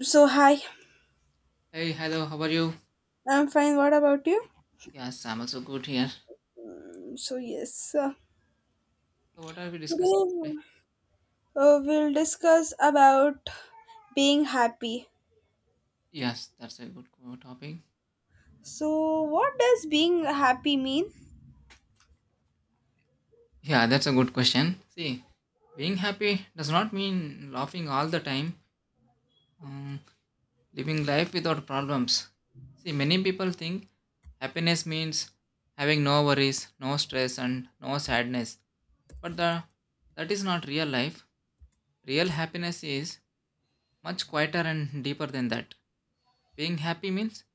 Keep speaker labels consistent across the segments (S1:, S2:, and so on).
S1: So, hi,
S2: Hey, hello, how are you?
S1: I'm fine. What about you?
S2: Yes, I'm also good here.
S1: So, yes,
S2: So, what are we discussing
S1: today
S2: today?
S1: we'll discuss about being happy.
S2: Yes, that's a good topic.
S1: So, what does being happy mean?
S2: Yeah, that's a good question. See, being happy does not mean laughing all the time, um, living life without problems. See, many people think happiness means having no worries, no stress, and no sadness. But the, that is not real life. Real happiness is much quieter and deeper than that. Being happy means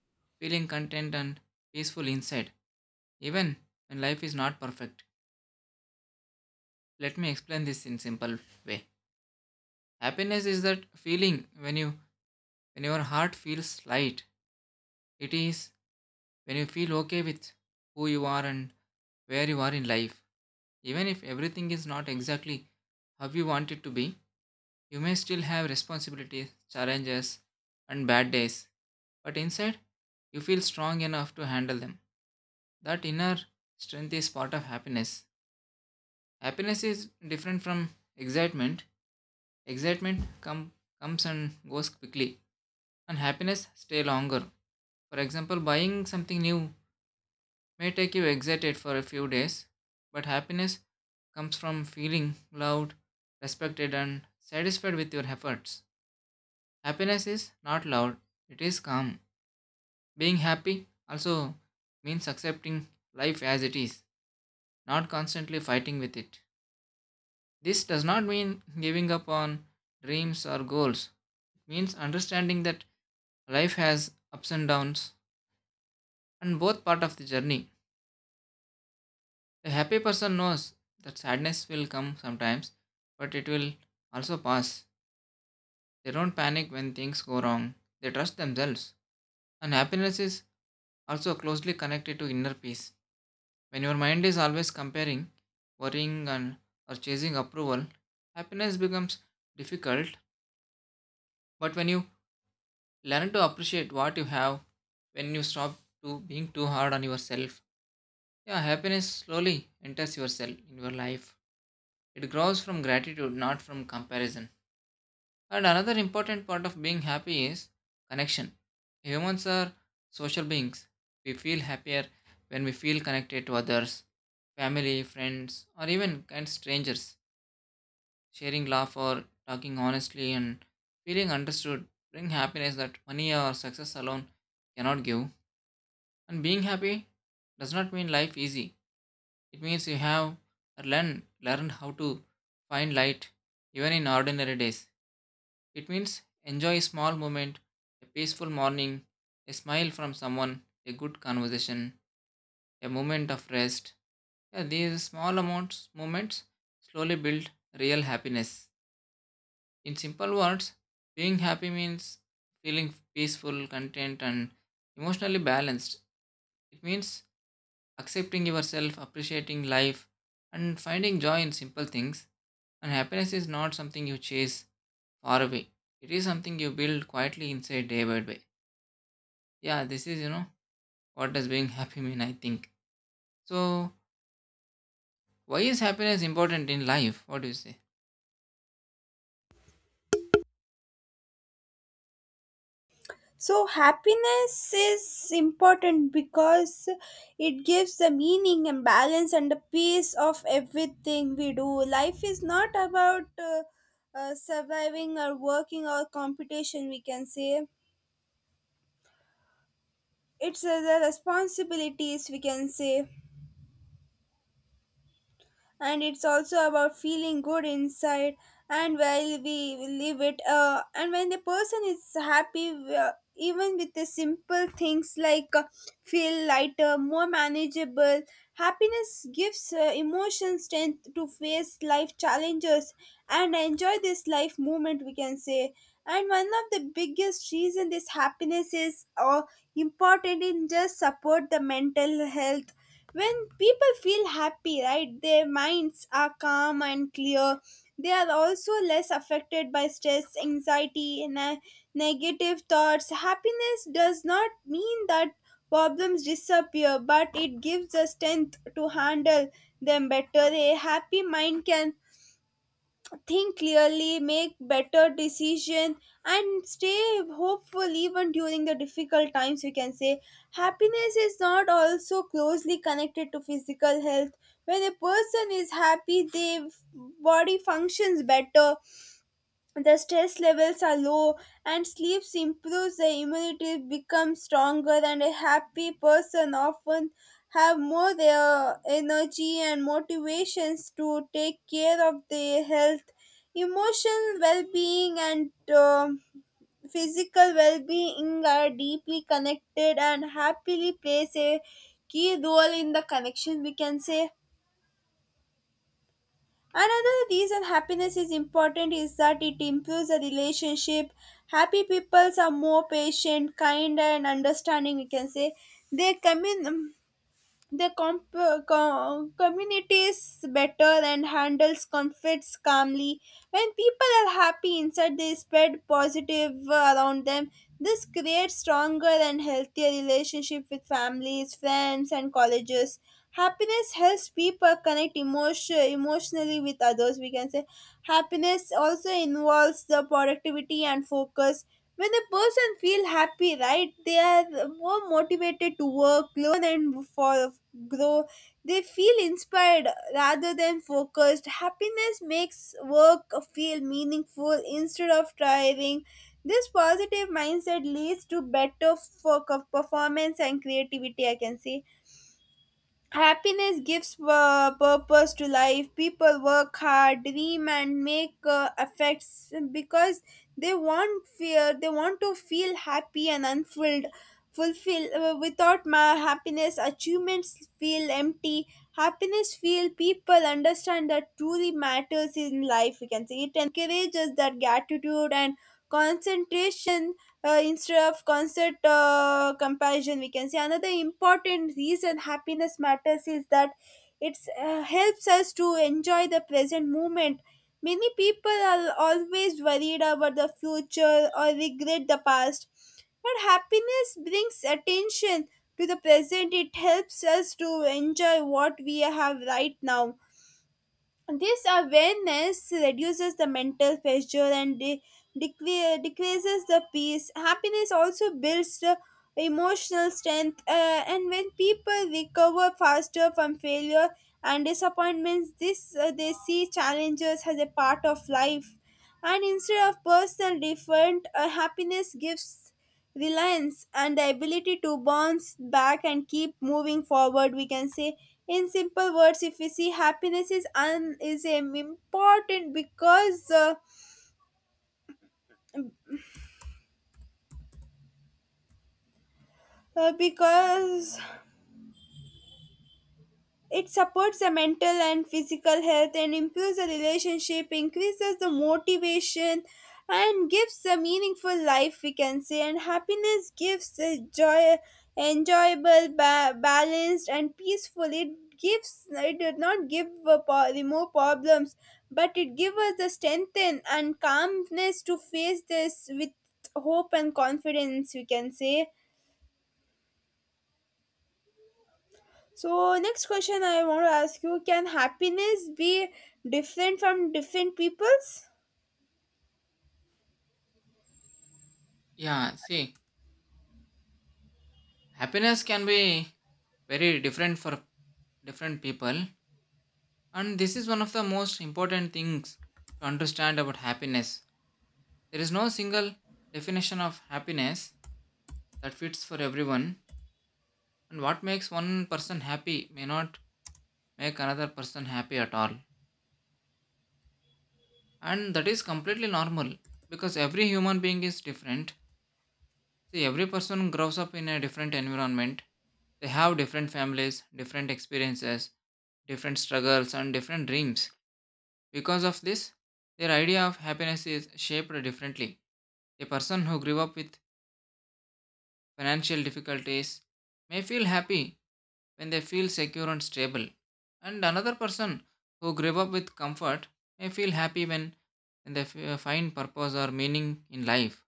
S2: feeling content and peaceful inside, even when life is not perfect. Let me explain this in simple way. Happiness is that feeling when your heart feels light. It is when you feel okay with who you are and where you are in life. Even if everything is not exactly how you want it to be, you may still have responsibilities, challenges, and bad days, but inside, you feel strong enough to handle them. That inner strength is part of happiness. Happiness is different from excitement. Excitement come, comes and goes quickly, and happiness stay longer. For example, buying something new may take you excited for a few days, but happiness comes from feeling loved, respected, and satisfied with your efforts. Happiness is not loud, it is calm. Being happy also means accepting life as it is, not constantly fighting with it. This does not mean giving up on dreams or goals. It means understanding that life has ups and downs, and both part of the journey. A happy person knows that sadness will come sometimes, but it will also pass. They don't panic when things go wrong, they trust themselves. And happiness is also closely connected to inner peace. When your mind is always comparing, worrying, and or chasing approval, happiness becomes difficult. But when you learn to appreciate what you have, when you stop to being too hard on yourself, yeah, happiness slowly enters yourself in your life. It grows from gratitude, not from comparison. And another important part of being happy is connection. Humans are social beings. We feel happier when we feel connected to others, family, friends, or even kind strangers. Sharing laugh or talking honestly and feeling understood bring happiness that money or success alone cannot give. And being happy does not mean life easy. It means you have learned how to find light even in ordinary days. It means enjoy a small moment, a peaceful morning, a smile from someone, a good conversation, a moment of rest. Yeah, these small amounts moments slowly build real happiness. In simple words, being happy means feeling peaceful, content, and emotionally balanced. It means accepting yourself, appreciating life, and finding joy in simple things. And happiness is not something you chase, far away, it is something you build quietly inside day by day. Yeah, this is, you know, what does being happy mean, I think. So, why is happiness important in life? What do you say?
S1: So, happiness is important because it gives the meaning and balance and the peace of everything we do. Life is not about surviving or working or competition, we can say. It's the responsibilities, we can say, and it's also about feeling good inside and while we live it, and when the person is happy even with the simple things like feel lighter more manageable. Happiness gives emotion strength to face life challenges and enjoy this life moment, we can say. And one of the biggest reason this happiness is important in just support the mental health. When people feel happy, right, their minds are calm and clear. They are also less affected by stress, anxiety, and negative thoughts. Happiness does not mean that problems disappear, but it gives the strength to handle them better. A happy mind can think clearly, make better decisions, and stay hopeful even during the difficult times. We can say happiness is not also closely connected to physical health. When a person is happy, their body functions better, the stress levels are low and sleep improves, the immunity becomes stronger, and a happy person often have more their energy and motivations to take care of their health. Emotional well-being and physical well-being are deeply connected, and happily plays a key role in the connection, we can say. Another reason happiness is important is that it improves the relationship. Happy people are more patient, kind, and understanding, we can say. They commun- the community is better and handles conflicts calmly. When people are happy inside, they spread positive around them. This creates stronger and healthier relationship with families, friends, and colleges. Happiness helps people connect emotion, emotionally with others. We can say happiness also involves the productivity and focus. When a person feel happy, right, they are more motivated to work, learn, and for grow. They feel inspired rather than focused. Happiness makes work feel meaningful instead of tiring. This positive mindset leads to better for performance and creativity, I can say. Happiness gives purpose to life. People work hard, dream, and make effects because they want fear. They want to feel happy and unfulfilled. Fulfill without my happiness, achievements feel empty. Happiness feel people understand that truly matters in life. We can say it encourages that gratitude and concentration instead of concert comparison, we can say. Another important reason happiness matters is that it helps us to enjoy the present moment. Many people are always worried about the future or regret the past, but happiness brings attention to the present. It helps us to enjoy what we have right now. This awareness reduces the mental pressure and decreases the peace. Happiness also builds the emotional strength, and when people recover faster from failure and disappointments, this they see challenges as a part of life, and instead of personal different, happiness gives reliance and the ability to bounce back and keep moving forward, we can say. In simple words, if we see, happiness is important because it supports the mental and physical health and improves the relationship, increases the motivation, and gives a meaningful life, we can say. And happiness gives a joy, enjoyable, balanced, and peaceful. It gives, it does not give a remove problems, but it gives us the strength and calmness to face this with hope and confidence, we can say. So, next question I want to ask you: can happiness be different from different peoples?
S2: Yeah, see, happiness can be very different for different people. And this is one of the most important things to understand about happiness. There is no single definition of happiness that fits for everyone. And what makes one person happy may not make another person happy at all. And that is completely normal because every human being is different. See, every person grows up in a different environment, they have different families, different experiences, different struggles and different dreams. Because of this, their idea of happiness is shaped differently. A person who grew up with financial difficulties may feel happy when they feel secure and stable. And another person who grew up with comfort may feel happy when they find purpose or meaning in life.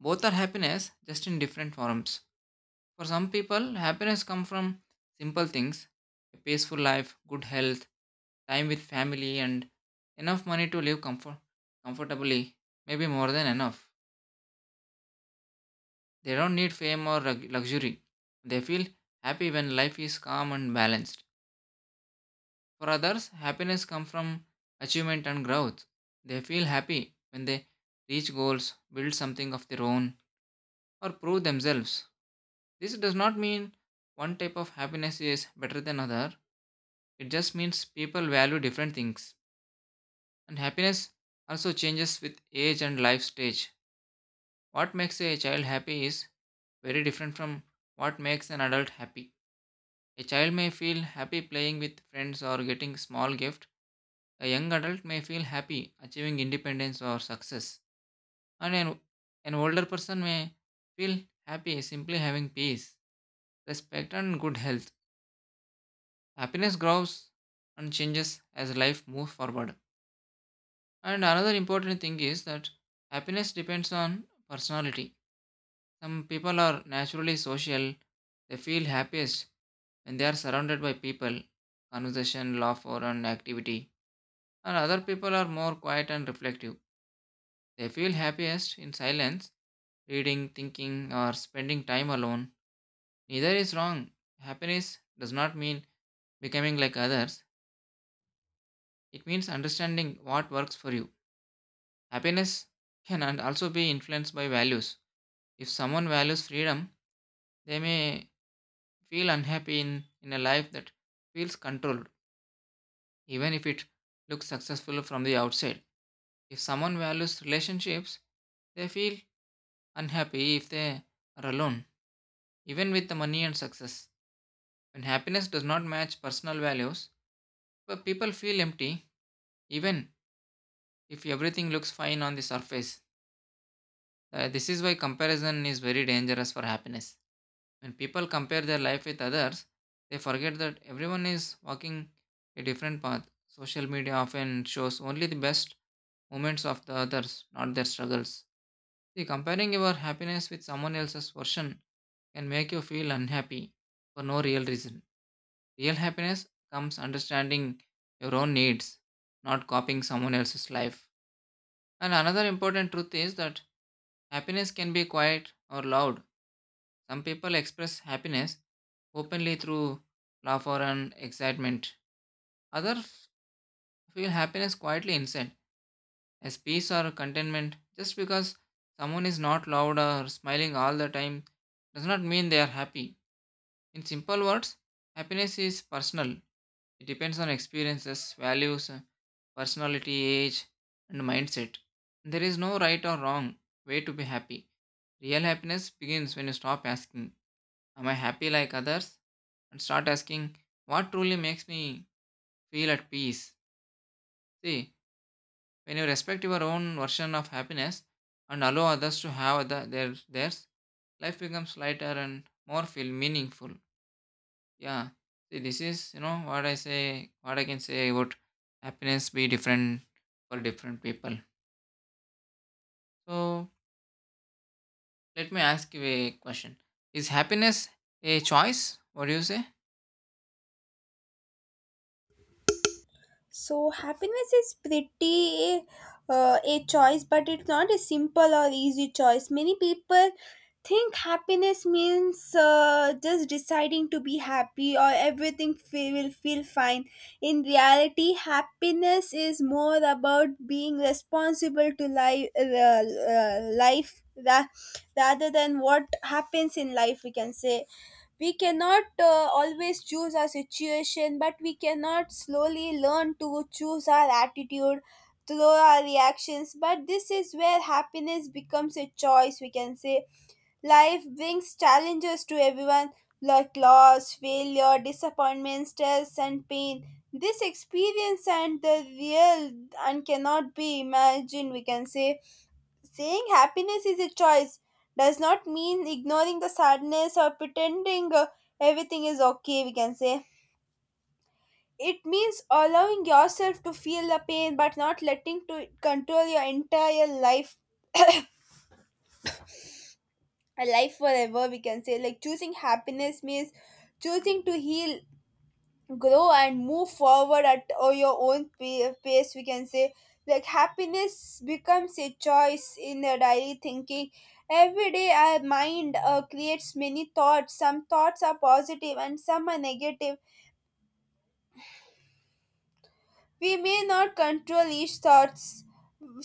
S2: Both are happiness, just in different forms. For some people, happiness comes from simple things, a peaceful life, good health, time with family, and enough money to live comfortably, maybe more than enough. They don't need fame or luxury. They feel happy when life is calm and balanced. For others, happiness comes from achievement and growth. They feel happy when they reach goals, build something of their own, or prove themselves. This does not mean one type of happiness is better than other. It just means people value different things. And happiness also changes with age and life stage. What makes a child happy is very different from what makes an adult happy. A child may feel happy playing with friends or getting small gift. A young adult may feel happy achieving independence or success. And an, an older person may feel happy simply having peace, respect and good health. Happiness grows and changes as life moves forward. And another important thing is that happiness depends on personality. Some people are naturally social. They feel happiest when they are surrounded by people, conversation, laughter, and activity. And other people are more quiet and reflective. They feel happiest in silence, reading, thinking, or spending time alone. Neither is wrong. Happiness does not mean becoming like others, it means understanding what works for you. Happiness can and also be influenced by values. If someone values freedom, they may feel unhappy in a life that feels controlled, even if it looks successful from the outside. If someone values relationships, they feel unhappy if they are alone, even with the money and success. When happiness does not match personal values, but people feel empty, even if everything looks fine on the surface. This is why comparison is very dangerous for happiness. When people compare their life with others, they forget that everyone is walking a different path. Social media often shows only the best moments of the others, not their struggles. See, comparing your happiness with someone else's version can make you feel unhappy for no real reason. Real happiness comes understanding your own needs, not copying someone else's life. And another important truth is that happiness can be quiet or loud. Some people express happiness openly through laughter and excitement. Others feel happiness quietly inside, as peace or contentment. Just because someone is not loud or smiling all the time does not mean they are happy. In simple words, happiness is personal, it depends on experiences, values, personality, age, and mindset. There is no right or wrong way to be happy. Real happiness begins when you stop asking, am I happy like others? And start asking, what truly makes me feel at peace? See, when you respect your own version of happiness and allow others to have theirs, life becomes lighter and more feel meaningful. Yeah, see, this is, you know, what I say, what I can say about happiness be different for different people. So let me ask you a question, is happiness a choice? What do you say?
S1: So, happiness is pretty a choice, but it's not a simple or easy choice. Many people think happiness means just deciding to be happy or everything will feel fine. In reality, happiness is more about being responsible to life, rather than what happens in life. We can say we cannot always choose our situation, but we cannot slowly learn to choose our attitude through our reactions. But this is where happiness becomes a choice, we can say. Life brings challenges to everyone, like loss, failure, disappointment, stress, and pain. This experience and the real and cannot be imagined, we can say. Saying happiness is a choice does not mean ignoring the sadness or pretending everything is okay, we can say. It means allowing yourself to feel the pain but not letting to it control your entire life, a life forever, we can say. Like choosing happiness means choosing to heal, grow, and move forward at your own pace, we can say. Like happiness becomes a choice in the daily thinking. Every day our mind creates many thoughts. Some thoughts are positive and some are negative. We may not control each thoughts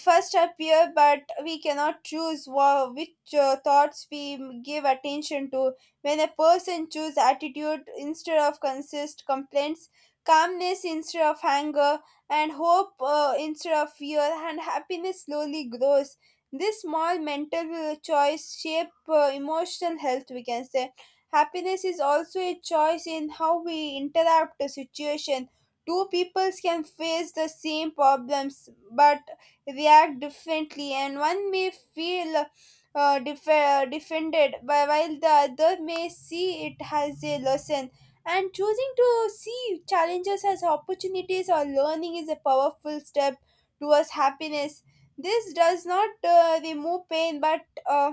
S1: first appear, but we cannot choose which thoughts we give attention to. When a person chooses attitude instead of consist complaints, calmness instead of anger, and hope instead of fear, and happiness slowly grows. This small mental choice shape emotional health. We can say happiness is also a choice in how we interact the situation. Two peoples can face the same problems but react differently, and one may feel defended, but while the other may see it as a lesson. And choosing to see challenges as opportunities or learning is a powerful step towards happiness. This does not remove pain, but uh,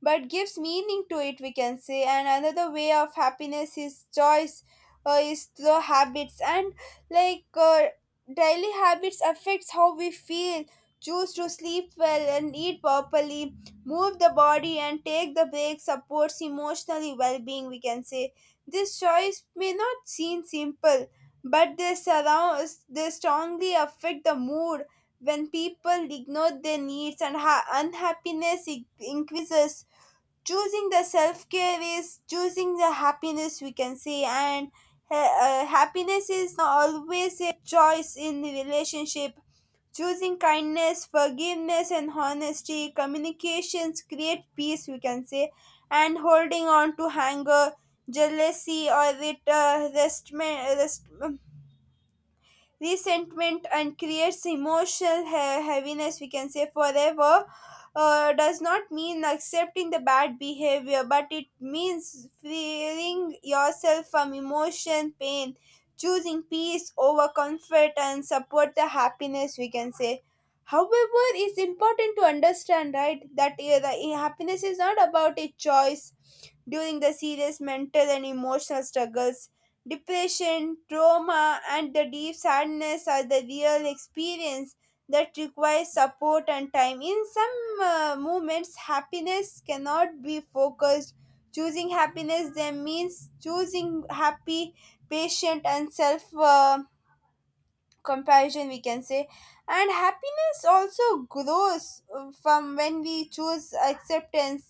S1: but gives meaning to it, we can say. And another way of happiness is choice is the habits and like daily habits affects how we feel. Choose to sleep well and eat properly, move the body and take the break, supports emotionally well-being, we can say. This choice may not seem simple, but they surround, they strongly affect the mood. When people ignore their needs and unhappiness increases, choosing the self-care is choosing the happiness, we can say. And happiness is always a choice in the relationship. Choosing kindness, forgiveness, and honesty communications create peace, we can say. And holding on to anger, jealousy, or resentment and creates emotional heaviness, we can say forever. Does not mean accepting the bad behavior, but it means freeing yourself from emotion pain. Choosing peace over comfort and support the happiness, we can say. However, it's important to understand, right, that the happiness is not about a choice during the serious mental and emotional struggles. Depression, trauma, and the deep sadness are the real experience that requires support and time. In some moments, happiness cannot be focused. Choosing happiness then means choosing happy, patient, and self. Comparison, we can say. And happiness also grows from when we choose acceptance.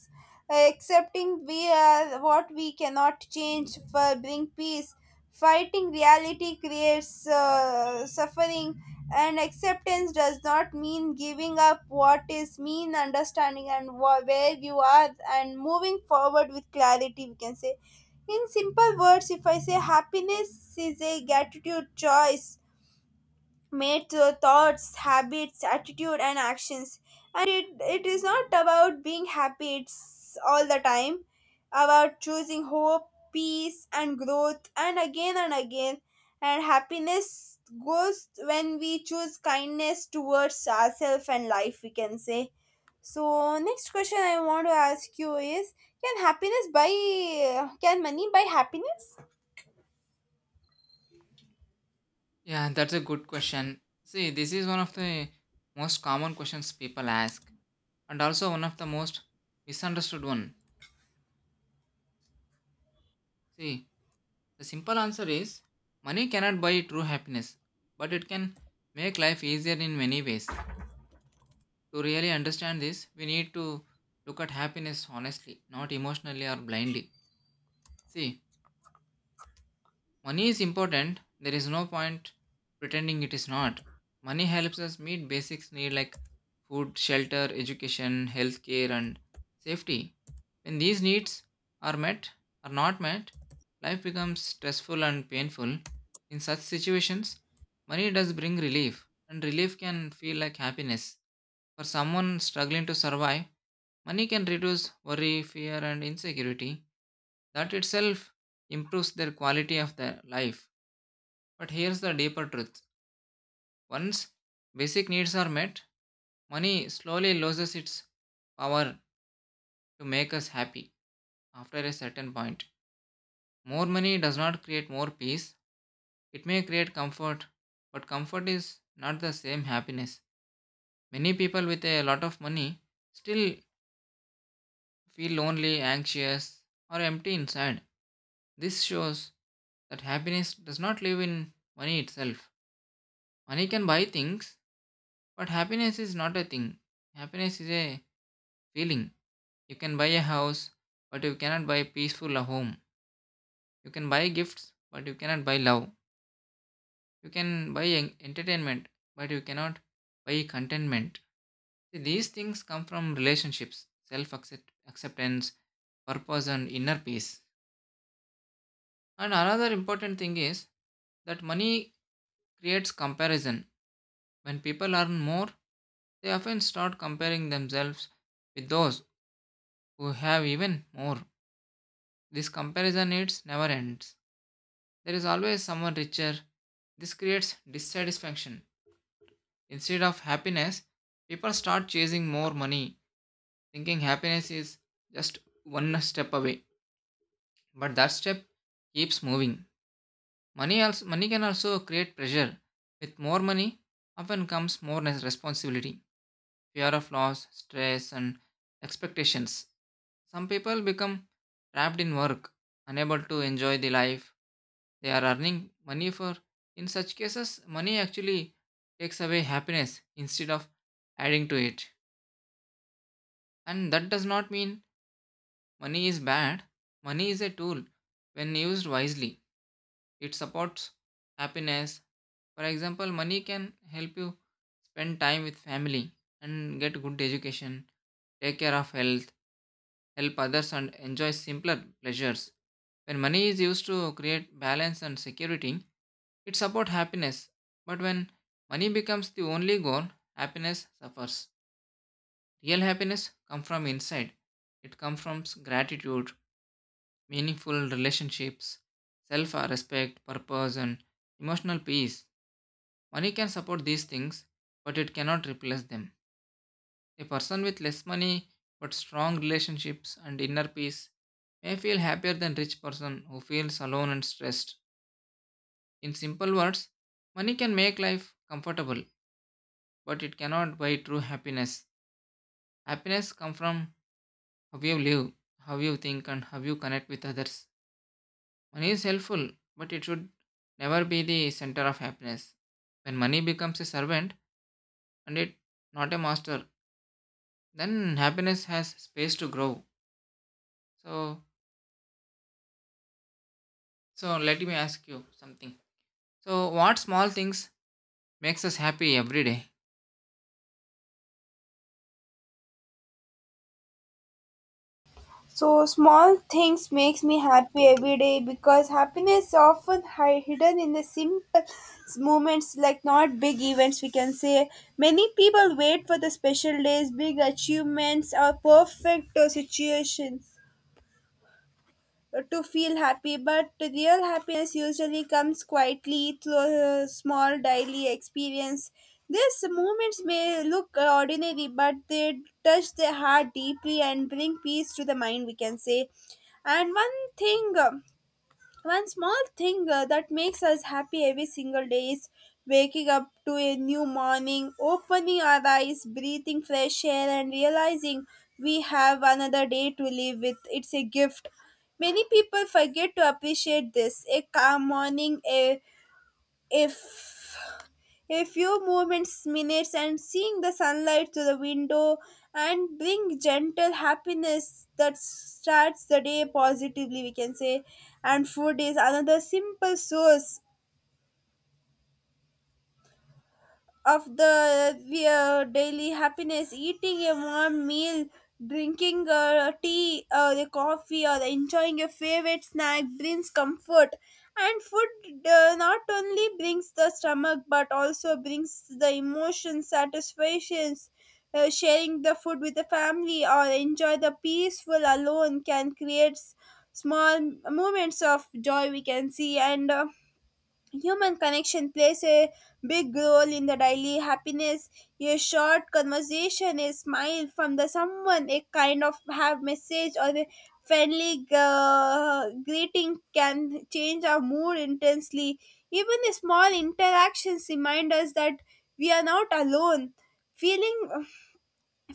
S1: Accepting we are what we cannot change for bring peace. Fighting reality creates suffering, and acceptance does not mean giving up what is mean understanding and where you are and moving forward with clarity, we can say. In simple words, if I say happiness is a gratitude choice made through thoughts, habits, attitude, and actions. And it is not about being happy it's all the time, about choosing hope, peace, and growth, and again and again. And happiness goes when we choose kindness towards ourselves and life, we can say. So, next question I want to ask you is: can happiness buy, can money buy happiness?
S2: Yeah, that's a good question. See, this is one of the most common questions people ask, and also one of the most misunderstood one. See, the simple answer is money cannot buy true happiness, but it can make life easier in many ways. To really understand this, we need to look at happiness honestly, not emotionally or blindly. See, money is important. There is no point pretending it is not. Money helps us meet basics need like food, shelter, education, healthcare and safety. When these needs are met or not met, life becomes stressful and painful. In such situations, money does bring relief and relief can feel like happiness. For someone struggling to survive, money can reduce worry, fear, and insecurity. That itself improves their quality of their life. But here's the deeper truth, once basic needs are met, money slowly loses its power to make us happy after a certain point. More money does not create more peace, it may create comfort, but comfort is not the same happiness. Many people with a lot of money still feel lonely, anxious, or empty inside. This shows that happiness does not live in money itself. Money can buy things, but happiness is not a thing. Happiness is a feeling. You can buy a house, but you cannot buy a peaceful home. You can buy gifts, but you cannot buy love. You can buy entertainment, but you cannot buy contentment. See, these things come from relationships, self acceptance, purpose, and inner peace. And another important thing is that money creates comparison. When people earn more, they often start comparing themselves with those who have even more. This comparison it never ends. There is always someone richer. This creates dissatisfaction. Instead of happiness, people start chasing more money, thinking happiness is just one step away. But that step keeps moving. Money also money can also create pressure. With more money, often comes more responsibility, fear of loss, stress, and expectations. Some people become trapped in work, unable to enjoy the life they are earning money for. In such cases, money actually takes away happiness instead of adding to it. And that does not mean money is bad. Money is a tool, when used wisely it supports happiness. For example, money can help you spend time with family and get good education, take care of health, help others, and enjoy simpler pleasures. When money is used to create balance and security, it supports happiness. But when money becomes the only goal, happiness suffers. Real happiness comes from inside. It comes from gratitude, meaningful relationships, self respect, purpose, and emotional peace. Money can support these things, but it cannot replace them. A person with less money but strong relationships and inner peace may feel happier than rich person who feels alone and stressed. In simple words, money can make life comfortable, but it cannot buy true happiness. Happiness comes from how you live, how you think and how you connect with others. Money is helpful, but it should never be the center of happiness. When money becomes a servant and it not a master, then happiness has space to grow. So, so let me ask you something. So, what small things makes us happy every day?
S1: So, small things makes me happy every day because happiness often hidden in the simple moments like not big events, we can say. Many people wait for the special days, big achievements, or perfect situations to feel happy, but real happiness usually comes quietly through small daily experience. These moments may look ordinary, but they touch the heart deeply and bring peace to the mind, we can say. And one thing. One small thing that makes us happy every single day is waking up to a new morning, opening our eyes, breathing fresh air, and realizing we have another day to live with. It's a gift. Many people forget to appreciate this. A calm morning, a if a few moments, minutes, and seeing the sunlight through the window and bring gentle happiness that starts the day positively, we can say. And food is another simple source of the daily happiness. Eating a warm meal, drinking tea or the coffee, or enjoying a favorite snack brings comfort. And food not only brings the stomach but also brings the emotion satisfactions. Sharing the food with the family or enjoy the peaceful alone can create small moments of joy, we can see. And human connection plays a big role in the daily happiness. A short conversation, a smile from the someone, a kind of have message or a friendly greeting can change our mood intensely. Even small interactions remind us that we are not alone. Feeling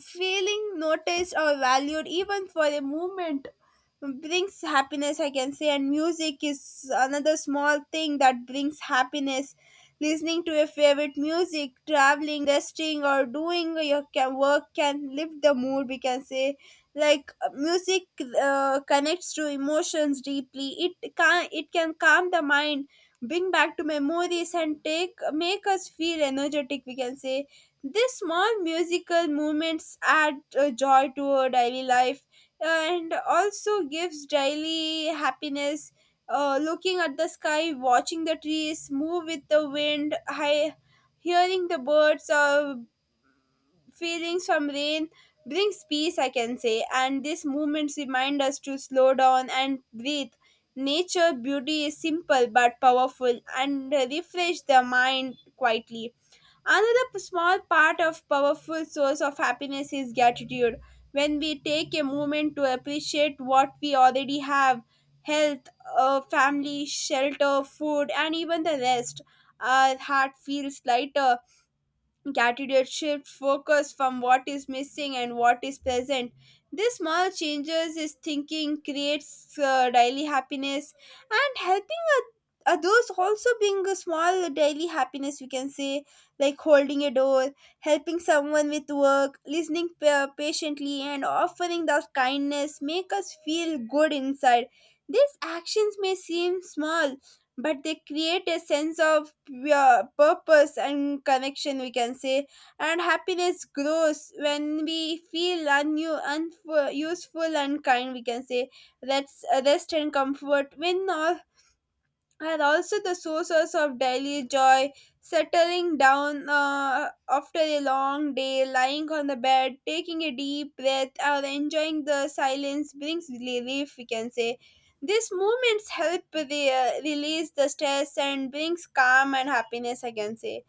S1: feeling noticed or valued even for a moment brings happiness I can say. And music is another small thing that brings happiness. Listening to your favorite music, traveling, resting or doing your work can lift the mood, we can say. Like music connects to emotions deeply. It can calm the mind, bring back to memories and take make us feel energetic, we can say. These small musical movements add joy to our daily life and also gives daily happiness. Looking at the sky, watching the trees move with the wind, hearing the birds, feelings from rain brings peace, I can say, and these movements remind us to slow down and breathe. Nature beauty is simple but powerful and refresh the mind quietly. Another small part of powerful source of happiness is gratitude. When we take a moment to appreciate what we already have, health, family, shelter, food, and even the rest, our heart feels lighter. Gratitude shifts focus from what is missing and what is present. These small changes is thinking creates daily happiness. And helping others also being a small daily happiness, we can say. Like holding a door, helping someone with work, listening patiently and offering that kindness make us feel good inside. These actions may seem small, but they create a sense of, yeah, purpose and connection, we can say. And happiness grows when we feel unuseful, useful and kind, we can say. That's rest and comfort when our and also the sources of daily joy. Settling down after a long day, lying on the bed, taking a deep breath or enjoying the silence brings relief, we can say. These movements help release the stress and brings calm and happiness, I can say.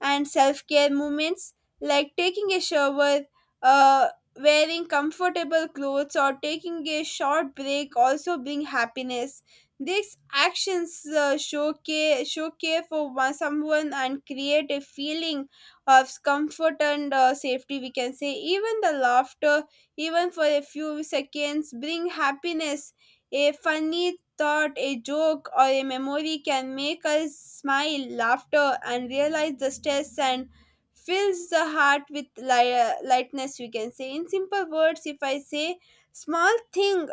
S1: And self care movements like taking a shower, uh, wearing comfortable clothes, or taking a short break also bring happiness. These actions show care for one, someone and create a feeling of comfort and safety, we can say. Even the laughter, even for a few seconds, bring happiness. A funny thought, a joke or a memory can make us smile, laughter, and realize the stress and fills the heart with lightness, we can say. In simple words, if I say small thing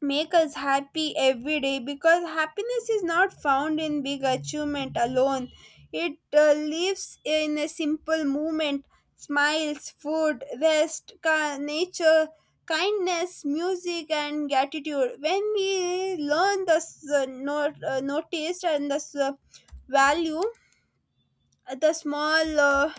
S1: make us happy every day because happiness is not found in big achievement alone. It lives in a simple movement. Smiles, food, rest, nature, kindness, music and gratitude. When we learn the not, notice and the value the small,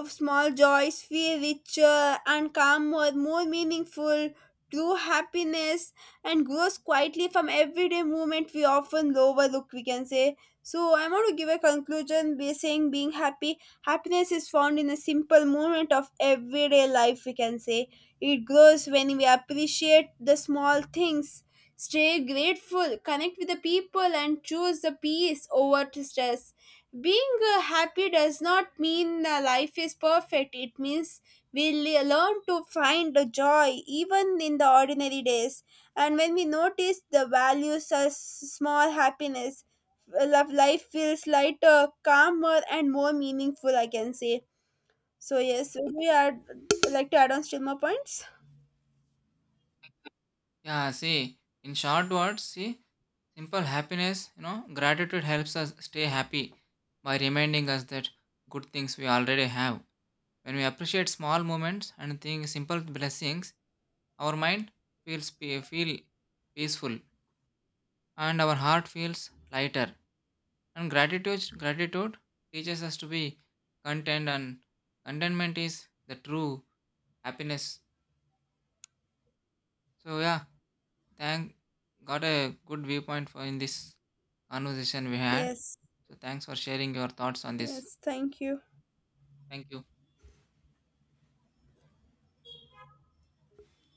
S1: of small joys feel richer and calmer, more meaningful. True happiness and grows quietly from everyday movement we often overlook, we can say. So, I want to give a conclusion by saying being happy. Happiness is found in a simple moment of everyday life, we can say. It grows when we appreciate the small things, stay grateful, connect with the people, and choose the peace over to stress. Being happy does not mean life is perfect. It means we learn to find the joy even in the ordinary days. And when we notice the values of small happiness, love life feels lighter, calmer and more meaningful, I can say. So yes, would we add like to add on still more points?
S2: Yeah, see, in short words, see, simple happiness, you know, gratitude helps us stay happy by reminding us that good things we already have. When we appreciate small moments and think simple blessings, our mind feel peaceful and our heart feels lighter. And gratitude teaches us to be content and contentment is the true happiness. So yeah, thank got a good viewpoint for in this conversation we had.
S1: Yes.
S2: So thanks for sharing your thoughts on this.
S1: Yes, thank you.
S2: Thank you.